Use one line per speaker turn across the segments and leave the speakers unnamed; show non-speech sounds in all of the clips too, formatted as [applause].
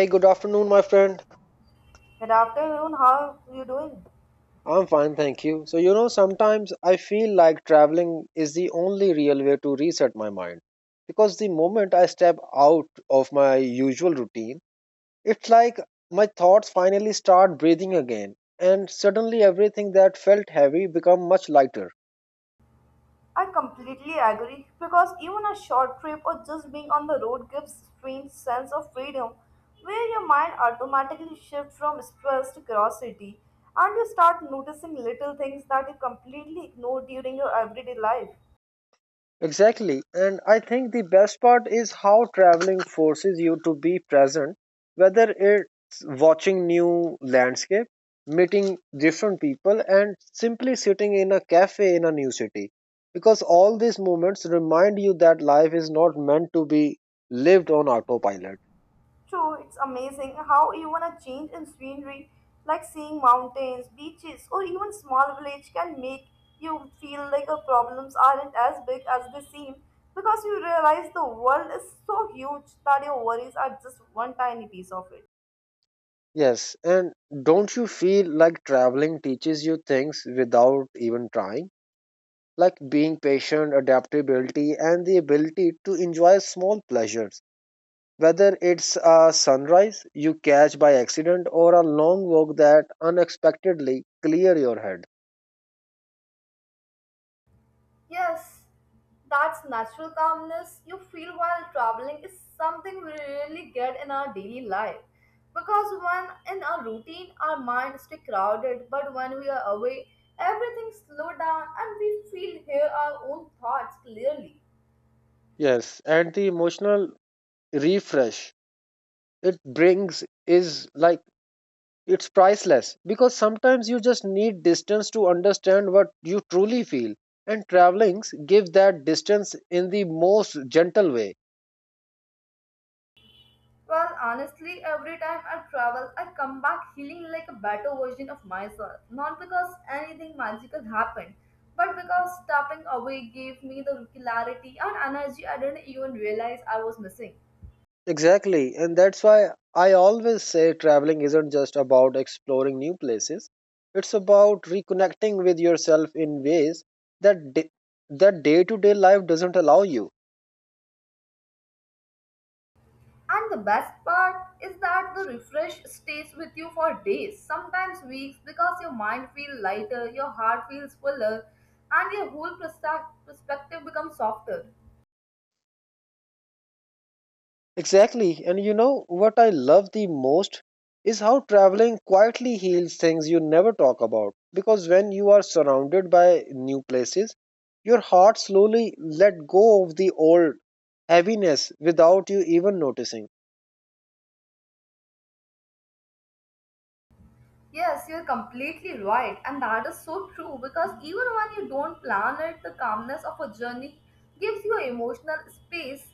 Hey, good afternoon, my friend.
Good afternoon, how are you doing?
I'm fine, thank you. So, you know, sometimes I feel like traveling is the only real way to reset my mind. Because the moment I step out of my usual routine, it's like my thoughts finally start breathing again. And suddenly everything that felt heavy become much lighter.
I completely agree because even a short trip or just being on the road gives strange sense of freedom where your mind automatically shifts from stress to curiosity and you start noticing little things that you completely ignore during your everyday life.
Exactly. And I think the best part is how traveling forces you to be present, whether it's watching new landscape, meeting different people, and simply sitting in a cafe in a new city. Because all these moments remind you that life is not meant to be lived on autopilot.
True, it's amazing how even a change in scenery, like seeing mountains, beaches, or even small village, can make you feel like your problems aren't as big as they seem because you realize the world is so huge that your worries are just one tiny piece of it.
Yes, and don't you feel like traveling teaches you things without even trying? Like being patient, adaptability, and the ability to enjoy small pleasures. Whether it's a sunrise you catch by accident or a long walk that unexpectedly clear your head.
Yes, that's natural calmness you feel while traveling is something we really get in our daily life. Because when in our routine, our minds stay crowded, but when we are away, everything slows down and we feel hear our own thoughts clearly.
Yes, and the emotional refresh it brings is like it's priceless because sometimes you just need distance to understand what you truly feel, and travelings give that distance in the most gentle way.
Well, honestly, every time I travel, I come back feeling like a better version of myself. Not because anything magical happened, but because stepping away gave me the clarity and energy I didn't even realize I was missing.
Exactly, and that's why I always say traveling isn't just about exploring new places. It's about reconnecting with yourself in ways that da- that day-to-day life doesn't allow you.
But it's weeks because your mind feels lighter, your heart feels fuller, and your whole perspective becomes softer.
Exactly, and you know what I love the most is how traveling quietly heals things you never talk about. Because when you are surrounded by new places, your heart slowly let go of the old heaviness without you even noticing.
Yes, you're completely right, and that is so true because even when you don't plan it, the calmness of a journey gives you emotional space.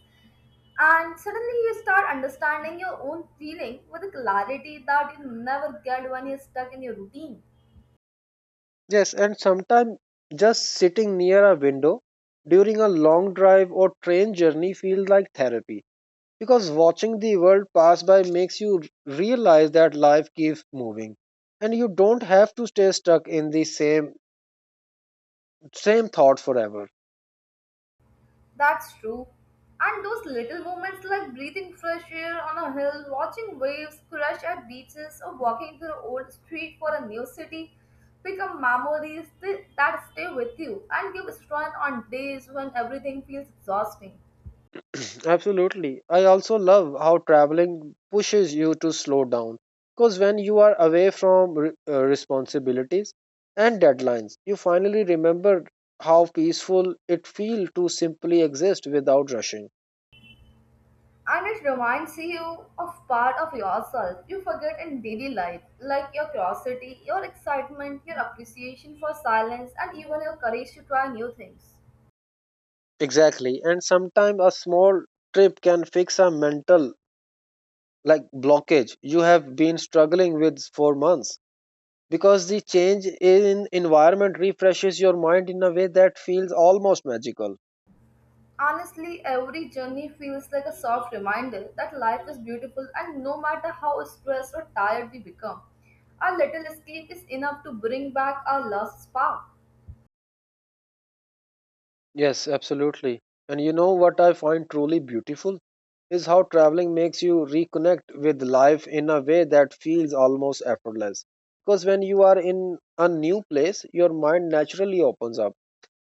And suddenly you start understanding your own feeling with a clarity that you never get when you're stuck in your routine.
Yes, and sometimes just sitting near a window during a long drive or train journey feels like therapy because watching the world pass by makes you realize that life keeps moving and you don't have to stay stuck in the same thought forever.
That's true. And those little moments like breathing fresh air on a hill, watching waves crash at beaches, or walking through an old street for a new city become memories that stay with you and give strength on days when everything feels exhausting.
[clears throat] Absolutely. I also love how traveling pushes you to slow down because when you are away from responsibilities and deadlines, you finally remember how peaceful it feels to simply exist without rushing.
And it reminds you of part of yourself you forget in daily life, like your curiosity, your excitement, your appreciation for silence, and even your courage to try new things.
Exactly. And sometimes a small trip can fix a mental like blockage you have been struggling with for months because the change in environment refreshes your mind in a way that feels almost magical.
Honestly, every journey feels like a soft reminder that life is beautiful, and no matter how stressed or tired we become, a little sleep is enough to bring back our lost spark.
Yes, absolutely. And you know what I find truly beautiful is how traveling makes you reconnect with life in a way that feels almost effortless. Because when you are in a new place, your mind naturally opens up.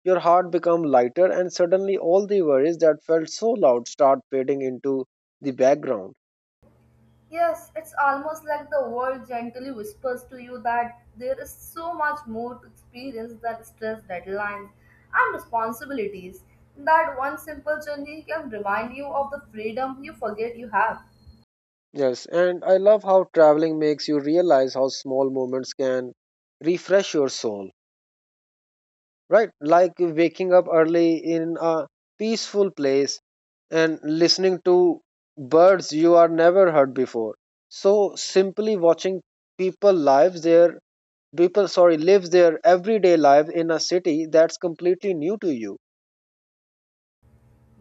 Your heart becomes lighter and suddenly all the worries that felt so loud start fading into the background.
Yes, it's almost like the world gently whispers to you that there is so much more to experience than stress, deadlines, and responsibilities. That one simple journey can remind you of the freedom you forget you have.
Yes, and I love how traveling makes you realize how small moments can refresh your soul, right? Like waking up early in a peaceful place and listening to birds you are never heard before, so simply watching people lives their people, sorry, live their everyday life in a city that's completely new to you.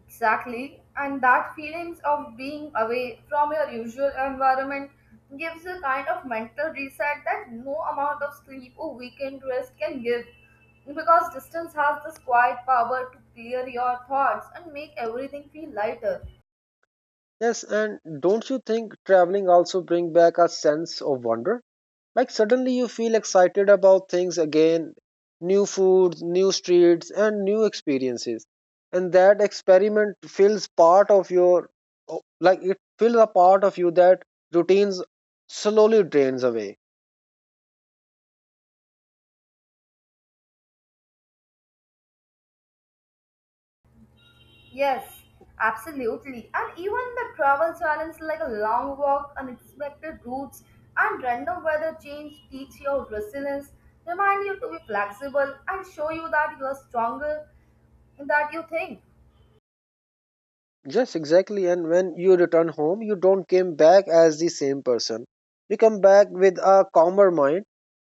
Exactly, and that feelings of being away from your usual environment gives a kind of mental reset that no amount of sleep or weekend rest can give because distance has this quiet power to clear your thoughts and make everything feel lighter.
Yes, and don't you think traveling also bring back a sense of wonder? Like suddenly you feel excited about things again, new foods, new streets, and new experiences. And that experiment fills part of your, like it fills a part of you that routines slowly drains away.
Yes, absolutely. And even the travel challenges like a long walk, unexpected routes, and random weather change teach your resilience, remind you to be flexible, and show you that you are stronger that you think.
Yes, exactly. And when you return home, you don't come back as the same person. You come back with a calmer mind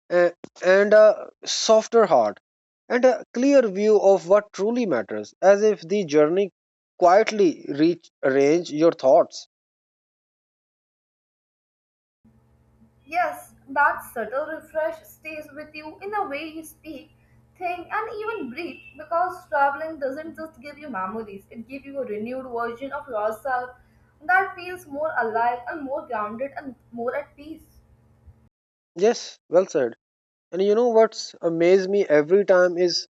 a- and a softer heart and a clear view of what truly matters, as if the journey quietly rearrange your thoughts.
Yes, that subtle refresh stays with you in the way you speak, think, and even breathe because traveling doesn't just give you memories, it gives you a renewed version of yourself that feels more alive and more grounded and more at peace.
Yes, well said. And you know what's amazed me every time is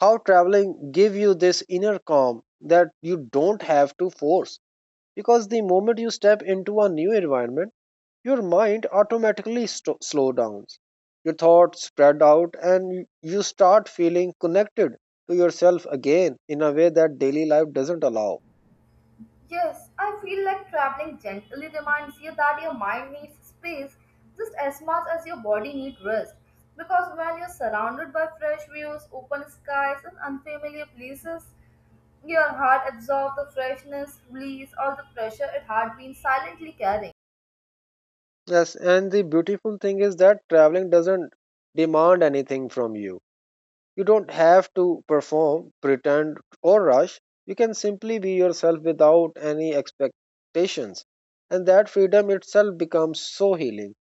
how traveling give you this inner calm that you don't have to force. Because the moment you step into a new environment, your mind automatically slow down, your thoughts spread out and you start feeling connected to yourself again in a way that daily life doesn't allow.
Yes, I feel like traveling gently reminds you that your mind needs space just as much as your body needs rest. Because when you're surrounded by fresh views, open skies, and unfamiliar places, your heart absorbs the freshness, release all the pressure it had been silently carrying.
Yes, and the beautiful thing is that traveling doesn't demand anything from you. You don't have to perform, pretend, or rush. You can simply be yourself without any expectations, and that freedom itself becomes so healing.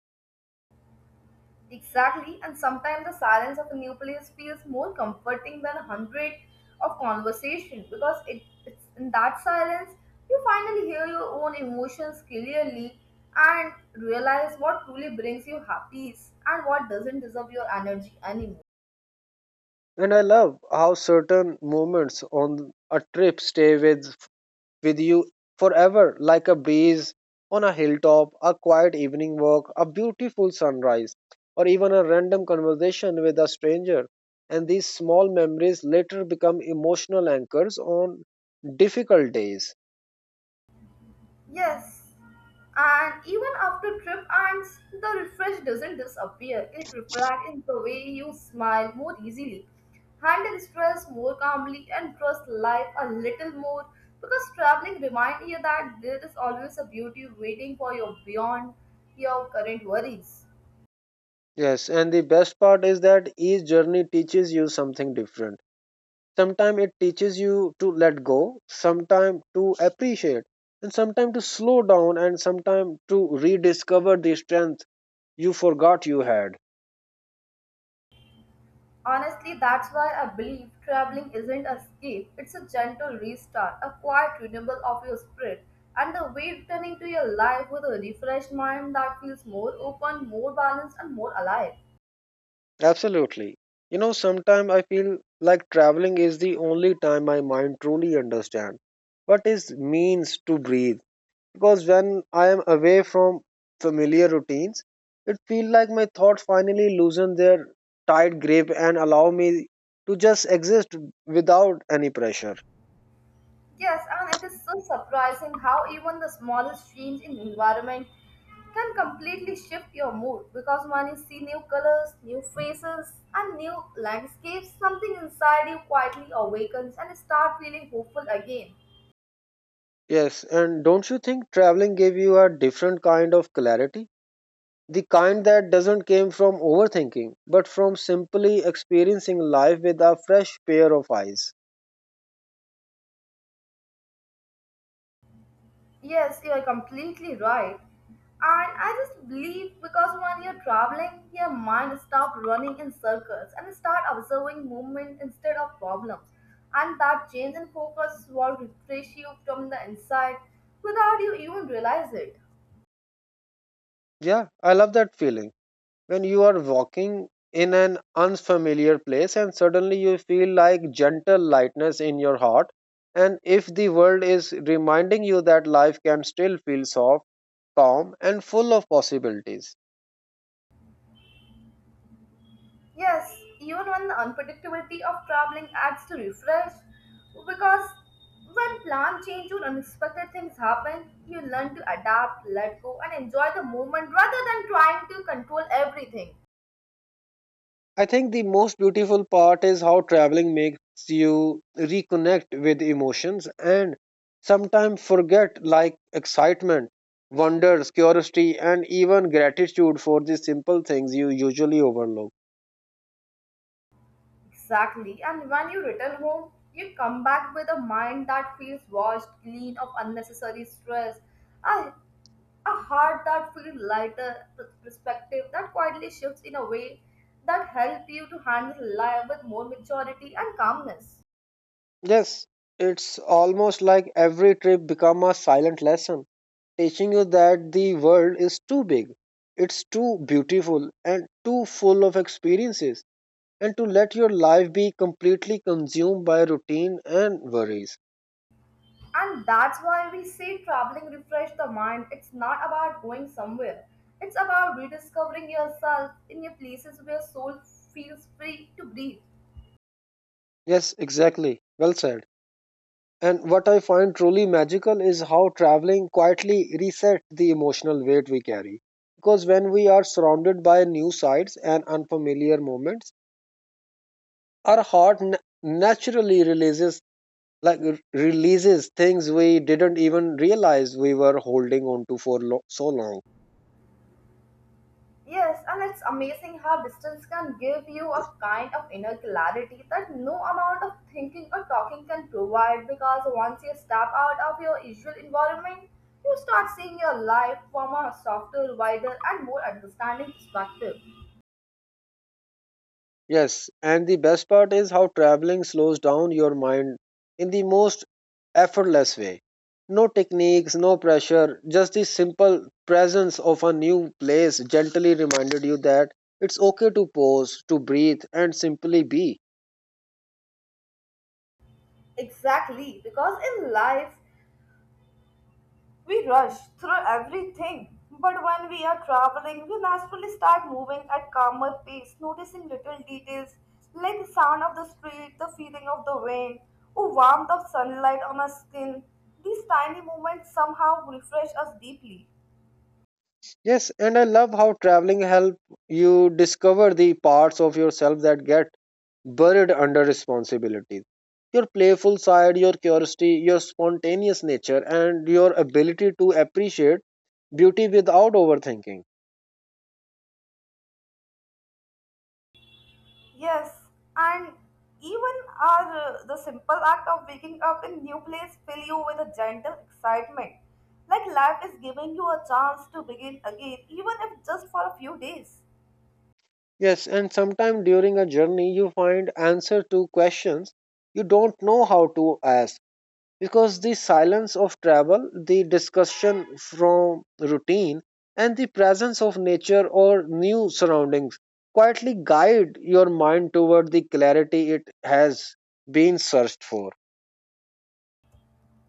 Exactly, and sometimes the silence of a new place feels more comforting than a hundred of conversation because it's in that silence you finally hear your own emotions clearly and realize what truly brings you happiness and what doesn't deserve your energy anymore.
And I love how certain moments on a trip stay with you forever, like a breeze on a hilltop, a quiet evening walk, a beautiful sunrise, or even a random conversation with a stranger. And these small memories later become emotional anchors on difficult days.
Yes, and even after trip ends, the refresh doesn't disappear. It reflects in the way you smile more easily, handle stress more calmly, and trust life a little more. Because traveling reminds you that there is always a beauty waiting for you beyond your current worries.
Yes, and the best part is that each journey teaches you something different. Sometimes it teaches you to let go, sometimes to appreciate, and sometimes to slow down, and sometimes to rediscover the strength you forgot you had.
Honestly, that's why I believe traveling isn't a escape, it's a gentle restart, a quiet renewal of your spirit, and the way returning to your life with a refreshed mind that feels more open, more balanced, and more alive.
Absolutely. You know, sometimes I feel like traveling is the only time my mind truly understands what is means to breathe. Because when I am away from familiar routines, it feels like my thoughts finally loosen their tight grip and allow me to just exist without any pressure.
Yes, and it is so surprising how even the smallest change in environment can completely shift your mood because when you see new colors, new faces, and new landscapes, something inside you quietly awakens and start feeling hopeful again.
Yes, and don't you think traveling gave you a different kind of clarity? The kind that doesn't came from overthinking, but from simply experiencing life with a fresh pair of eyes.
Yes, you are completely right. And I just believe because when you're traveling, your mind stops running in circles and start observing movement instead of problems. And that change in focus will refresh you from the inside without you even realize it.
Yeah, I love that feeling. When you are walking in an unfamiliar place and suddenly you feel like gentle lightness in your heart, and if the world is reminding you that life can still feel soft, calm, and full of possibilities.
Yes, even when the unpredictability of traveling adds to refresh, because when plan change or unexpected things happen, you learn to adapt, let go, and enjoy the moment rather than trying to control everything.
I think the most beautiful part is how traveling makes you reconnect with emotions and sometimes forget like excitement, wonders, curiosity, and even gratitude for the simple things you usually overlook.
Exactly, and when you return home, you come back with a mind that feels washed, clean of unnecessary stress. I. A heart that feels lighter, perspective that quietly shifts in a way that helps you to handle life with more maturity and calmness.
Yes, it's almost like every trip become a silent lesson, teaching you that the world is too big, it's too beautiful, and too full of experiences and to let your life be completely consumed by routine and worries.
And that's why we say traveling refresh the mind. It's not about going somewhere. It's about rediscovering yourself in your places where soul feels free to breathe.
Yes, exactly. Well said. And what I find truly magical is how traveling quietly resets the emotional weight we carry. Because when we are surrounded by new sights and unfamiliar moments, our heart naturally releases like releases things we didn't even realize we were holding on to for so long.
Yes, and it's amazing how distance can give you a kind of inner clarity that no amount of thinking or talking can provide because once you step out of your usual environment, you start seeing your life from a softer, wider, and more understanding perspective.
Yes, and the best part is how traveling slows down your mind in the most effortless way. No techniques, no pressure, just the simple presence of a new place gently reminded you that it's okay to pause, to breathe, and simply be.
Exactly, because in life, we rush through everything, but when we are traveling, we naturally start moving at calmer pace, noticing little details like the sound of the street, the feeling of the wind, or warmth of sunlight on our skin. These tiny moments somehow refresh us deeply.
Yes, and I love how traveling help you discover the parts of yourself that get buried under responsibilities. Your playful side, your curiosity, your spontaneous nature, and your ability to appreciate beauty without overthinking.
Yes, and even our the simple act of waking up in new place fill you with a gentle excitement, like life is giving you a chance to begin again, even if just for a few days.
Yes, and sometimes during a journey you find answer to questions you don't know how to ask because the silence of travel, the discussion from routine and the presence of nature or new surroundings quietly guide your mind toward the clarity it has been searched for.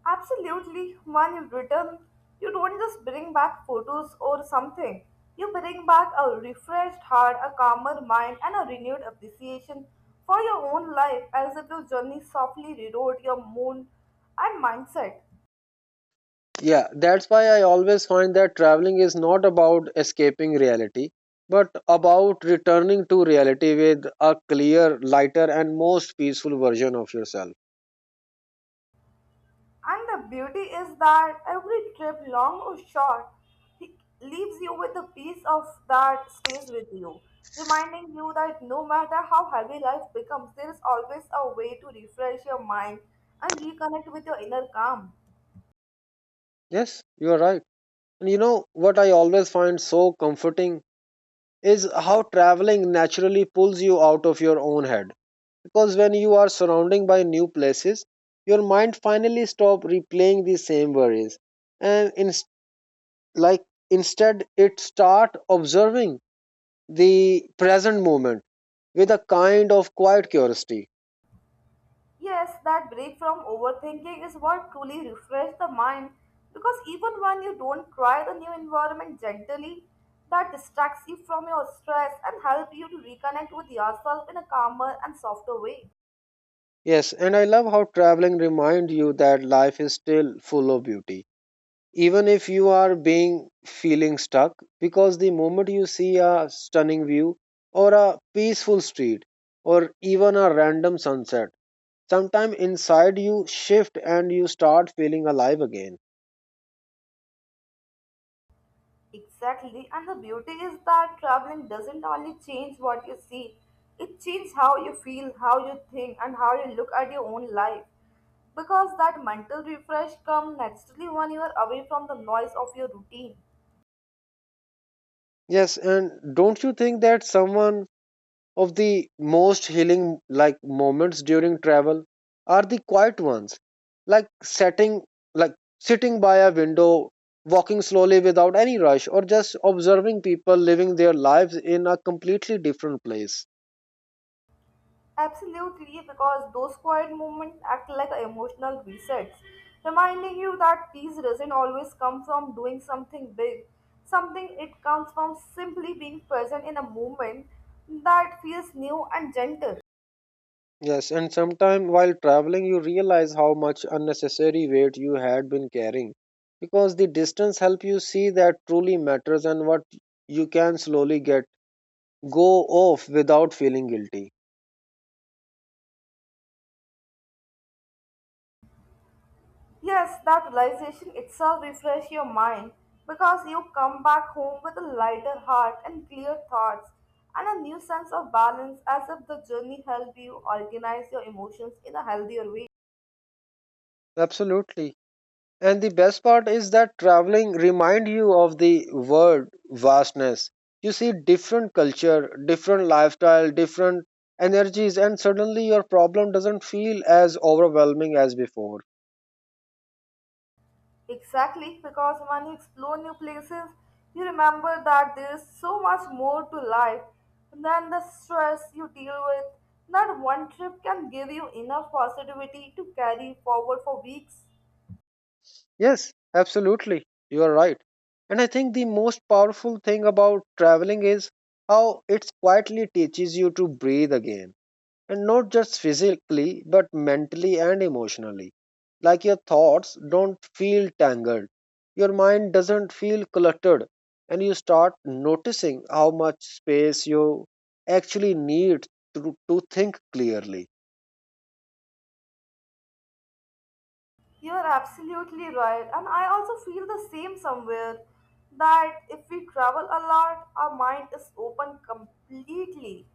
Absolutely. When you return, you don't just bring back photos or something. You bring back a refreshed heart, a calmer mind, and a renewed appreciation for your own life as if your journey softly rewrote your mood and mindset.
Yeah, that's why I always find that traveling is not about escaping reality, but about returning to reality with a clear, lighter, and most peaceful version of yourself.
And the beauty is that every trip, long or short, he leaves you with a piece of that stays with you, reminding you that no matter how heavy life becomes, there is always a way to refresh your mind and reconnect with your inner calm.
Yes, you are right. And you know what I always find so comforting is how traveling naturally pulls you out of your own head. Because when you are surrounding by new places, your mind finally stop replaying the same worries and in, like instead it start observing the present moment with a kind of quiet curiosity.
Yes, that break from overthinking is what truly refreshes the mind because even when you don't try the new environment gently, that distracts you from your stress and help you to reconnect with yourself in a calmer and softer way.
Yes, and I love how traveling reminds you that life is still full of beauty. Even if you are being feeling stuck, because the moment you see a stunning view or a peaceful street or even a random sunset, sometime inside you shift and you start feeling alive again.
Exactly, and the beauty is that traveling doesn't only change what you see, it changes how you feel, how you think, and how you look at your own life. Because that mental refresh comes naturally when you are away from the noise of your routine.
Yes, and don't you think that someone of the most healing like moments during travel are the quiet ones, like setting like sitting by a window, walking slowly without any rush or just observing people living their lives in a completely different place.
Absolutely, because those quiet moments act like emotional resets, reminding you that peace doesn't always come from doing something big. Something it comes from simply being present in a moment that feels new and gentle.
Yes, and sometime while traveling you realize how much unnecessary weight you had been carrying because the distance help you see that truly matters and what you can slowly get go off without feeling guilty.
Yes, that realization itself refreshes your mind because you come back home with a lighter heart and clear thoughts and a new sense of balance as if the journey helped you organize your emotions in a healthier way.
Absolutely. And the best part is that traveling remind you of the world vastness. You see different culture, different lifestyle, different energies, and suddenly your problem doesn't feel as overwhelming as before.
Exactly, because when you explore new places, you remember that there is so much more to life than the stress you deal with. That one trip can give you enough positivity to carry forward for weeks.
Yes, absolutely. You are right. And I think the most powerful thing about traveling is how it quietly teaches you to breathe again. And not just physically, but mentally and emotionally, like your thoughts don't feel tangled, your mind doesn't feel cluttered, and you start noticing how much space you actually need to think clearly.
You are absolutely right, and I also feel the same somewhere that if we travel a lot, our mind is open completely,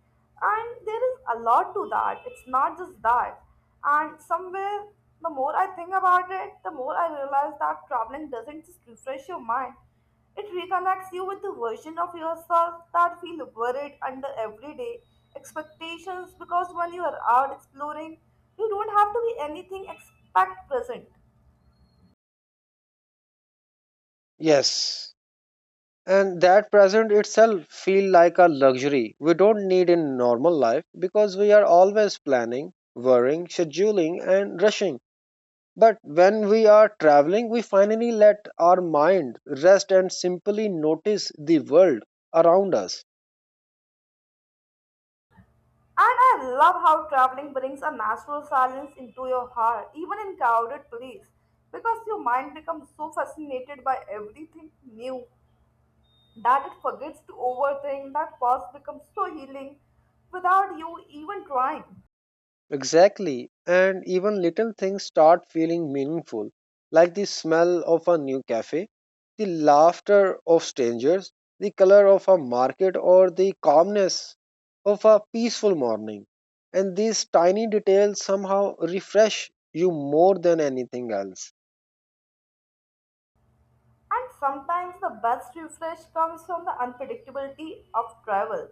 and there is a lot to that. It's not just that, and somewhere the more I think about it, the more I realize that traveling doesn't just refresh your mind. It reconnects you with the version of yourself that feel worried under everyday expectations because when you are out exploring, you don't have to be anything except present.
Yes, and that present itself feel like a luxury we don't need in normal life because we are always planning, worrying, scheduling, and rushing. But when we are traveling, we finally let our mind rest and simply notice the world around us.
And I love how traveling brings a natural silence into your heart, even in crowded place, because your mind becomes so fascinated by everything new that it forgets to overthink. That pause becomes so healing without you even trying.
Exactly, and even little things start feeling meaningful, like the smell of a new cafe, the laughter of strangers, the color of a market, or the calmness of a peaceful morning. And these tiny details somehow refresh you more than anything else.
And sometimes the best refresh comes from the unpredictability of travel.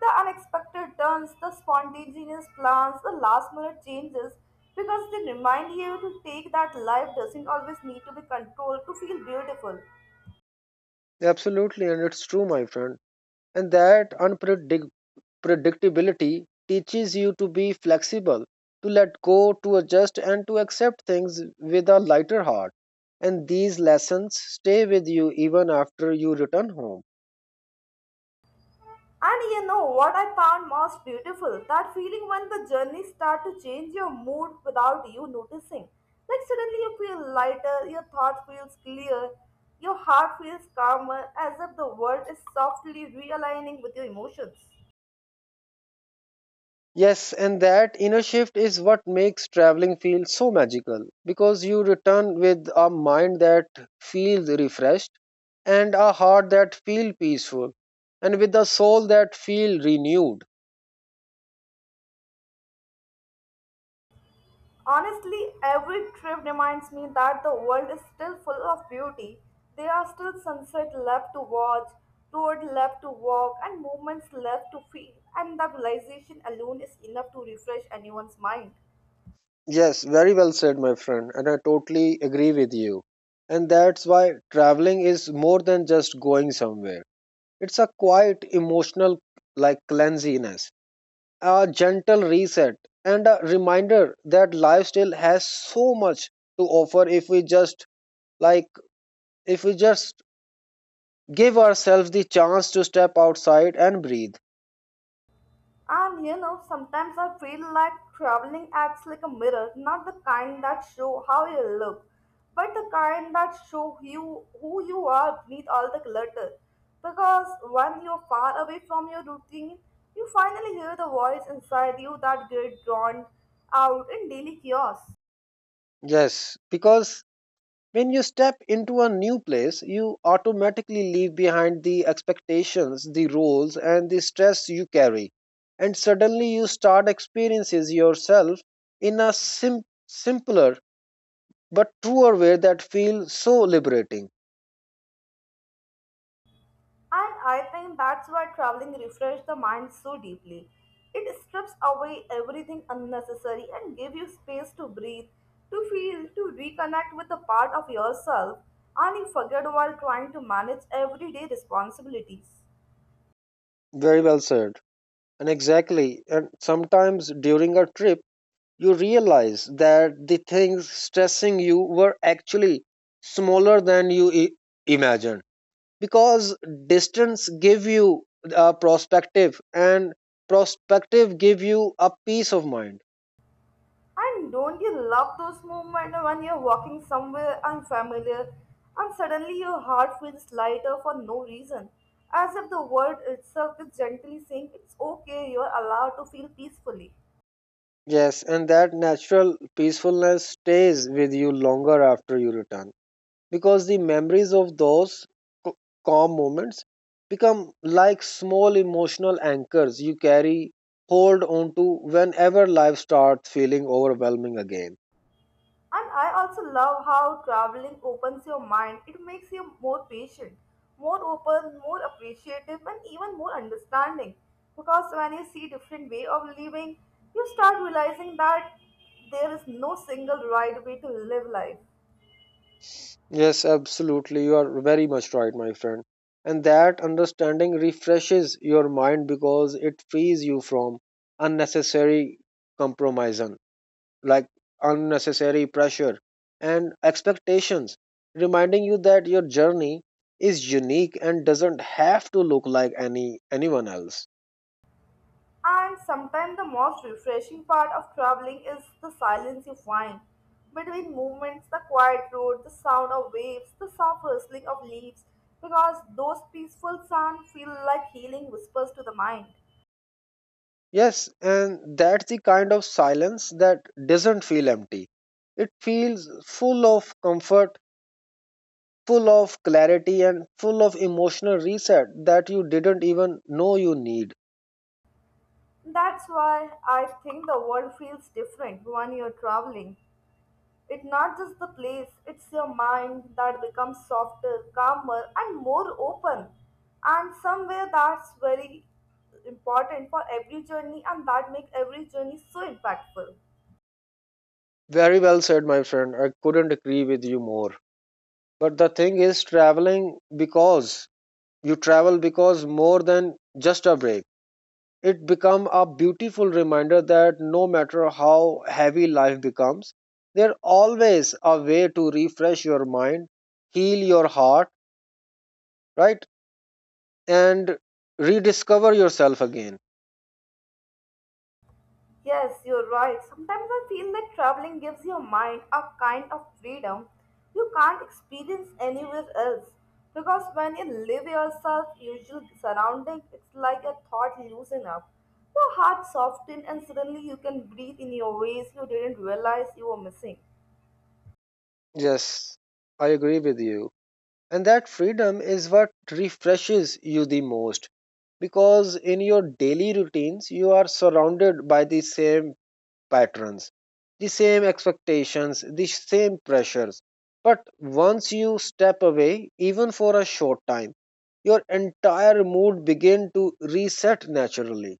The unexpected turns, the spontaneous plans, the last minute changes, because they remind you to take that life doesn't always need to be controlled to feel beautiful.
Absolutely, and it's true, my friend. And that unpredict. Predictability teaches you to be flexible, to let go, to adjust, and to accept things with a lighter heart. And these lessons stay with you even after you return home.
And you know what I found most beautiful? That feeling when the journey start to change your mood without you noticing. Like suddenly you feel lighter, your thought feels clear, your heart feels calmer, as if the world is softly realigning with your emotions.
Yes, and that inner shift is what makes traveling feel so magical because you return with a mind that feels refreshed and a heart that feels peaceful and with a soul that feels renewed.
Honestly, every trip reminds me that the world is still full of beauty. There are still sunset left to watch, road left to walk, and moments left to feel. And that realization alone is enough to refresh anyone's mind.
Yes, very well said, my friend, and I totally agree with you. And that's why traveling is more than just going somewhere. It's a quiet emotional like cleanliness, a gentle reset, and a reminder that life still has so much to offer like if we just give ourselves the chance to step outside and breathe.
And you know, sometimes I feel like traveling acts like a mirror, not the kind that show how you look, but the kind that show you who you are beneath all the clutter. Because when you're far away from your routine, you finally hear the voice inside you that get drawn out in daily chaos.
Yes, because when you step into a new place, you automatically leave behind the expectations, the roles, and the stress you carry. And suddenly you start experiences yourself in a simpler but truer way that feels so liberating.
And I think that's why traveling refreshes the mind so deeply. It strips away everything unnecessary and gives you space to breathe, to feel, to reconnect with a part of yourself and you forget while trying to manage everyday responsibilities.
Very well said. And exactly. And sometimes during a trip, you realize that the things stressing you were actually smaller than imagined because distance give you a perspective and perspective give you a peace of mind.
And don't you love those moments when you're walking somewhere unfamiliar and suddenly your heart feels lighter for no reason, as if the world itself is gently saying it's okay, you're allowed to feel peacefully.
Yes, and that natural peacefulness stays with you longer after you return because the memories of those c- calm moments become like small emotional anchors you carry, hold on to whenever life starts feeling overwhelming again.
And I also love how traveling opens your mind. It makes you more patient, more open, more appreciative, and even more understanding. Because when you see different way of living, you start realizing that there is no single right way to live life.
Yes, absolutely. You are very much right, my friend. And that understanding refreshes your mind because it frees you from unnecessary compromise, like unnecessary pressure and expectations, reminding you that your journey is unique and doesn't have to look like anyone else.
And sometimes the most refreshing part of traveling is the silence you find. Between movements, the quiet road, the sound of waves, the soft rustling of leaves, because those peaceful sounds feel like healing whispers to the mind.
Yes, and that's the kind of silence that doesn't feel empty. It feels full of comfort, full of clarity, and full of emotional reset that you didn't even know you need.
That's why I think the world feels different when you're traveling. It's not just the place, it's your mind that becomes softer, calmer, and more open. And somewhere that's very important for every journey, and that makes every journey so impactful.
Very well said, my friend. I couldn't agree with you more. But the thing is, traveling because you travel because more than just a break. It become a beautiful reminder that no matter how heavy life becomes, there always a way to refresh your mind, heal your heart, right, and rediscover yourself again.
Yes, you're right. Sometimes I feel that traveling gives your mind a kind of freedom you can't experience anywhere else. Because when you live yourself, usual surrounding, it's like a thought loosen up. Your heart softens and suddenly you can breathe in your ways you didn't realize you were missing.
Yes, I agree with you. And that freedom is what refreshes you the most because in your daily routines, you are surrounded by the same patterns, the same expectations, the same pressures. But once you step away, even for a short time, your entire mood begin to reset naturally.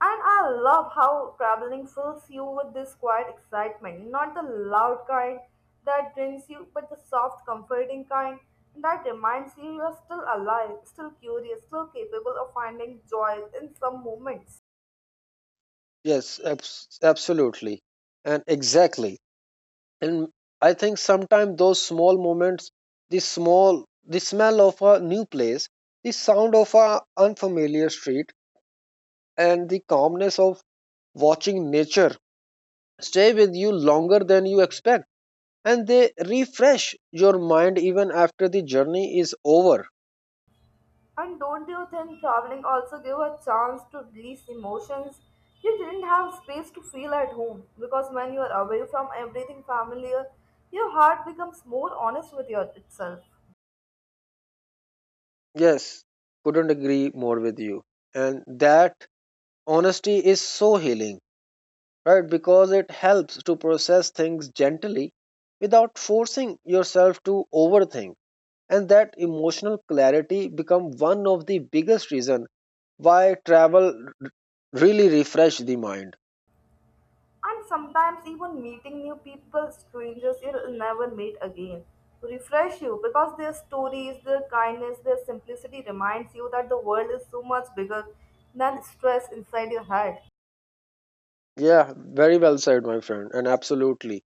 And I love how traveling fills you with this quiet excitement, not the loud kind that drains you, but the soft, comforting kind that reminds you you're still alive, still curious, still capable of finding joy in some moments.
Yes, absolutely, and exactly. And I think sometimes those small moments, the small the smell of a new place, the sound of a unfamiliar street, and the calmness of watching nature stay with you longer than you expect, and they refresh your mind even after the journey is over.
And don't you think traveling also gives a chance to release emotions you didn't have space to feel at home? Because when you are away from everything familiar, your heart becomes more honest with your, itself.
Yes, couldn't agree more with you. And that honesty is so healing, right, because it helps to process things gently without forcing yourself to overthink. And that emotional clarity become one of the biggest reason why travel really refresh the mind.
And sometimes even meeting new people, strangers you'll never meet again, refresh you because their stories, their kindness, their simplicity reminds you that the world is so much bigger than stress inside your head.
Yeah, very well said, my friend, and absolutely.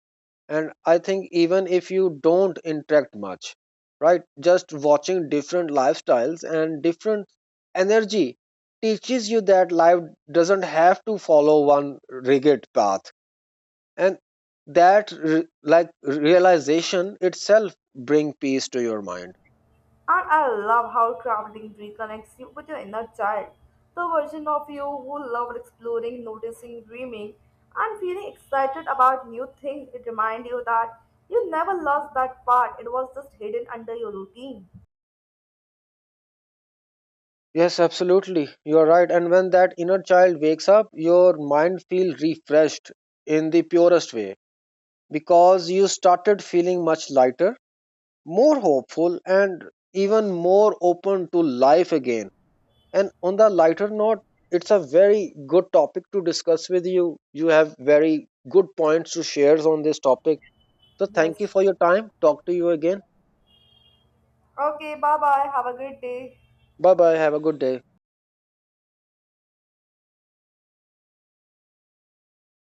And I think even if you don't interact much, right, just watching different lifestyles and different energy teaches you that life doesn't have to follow one rigid path. And that realization itself bring peace to your mind.
And I love how traveling reconnects you with your inner child, the version of you who loved exploring, noticing, dreaming, and feeling excited about new things. It reminds you that you never lost that part; it was just hidden under your routine.
Yes, absolutely. You are right. And when that inner child wakes up, your mind feels refreshed in the purest way because you started feeling much lighter, more hopeful, and even more open to life again. And on the lighter note, it's a very good topic to discuss with you. You have very good points to share on this topic. So,
Yes.
thank you for your time. Talk to you again.
Okay, bye bye. Have a great day.
Bye bye. Have a good day.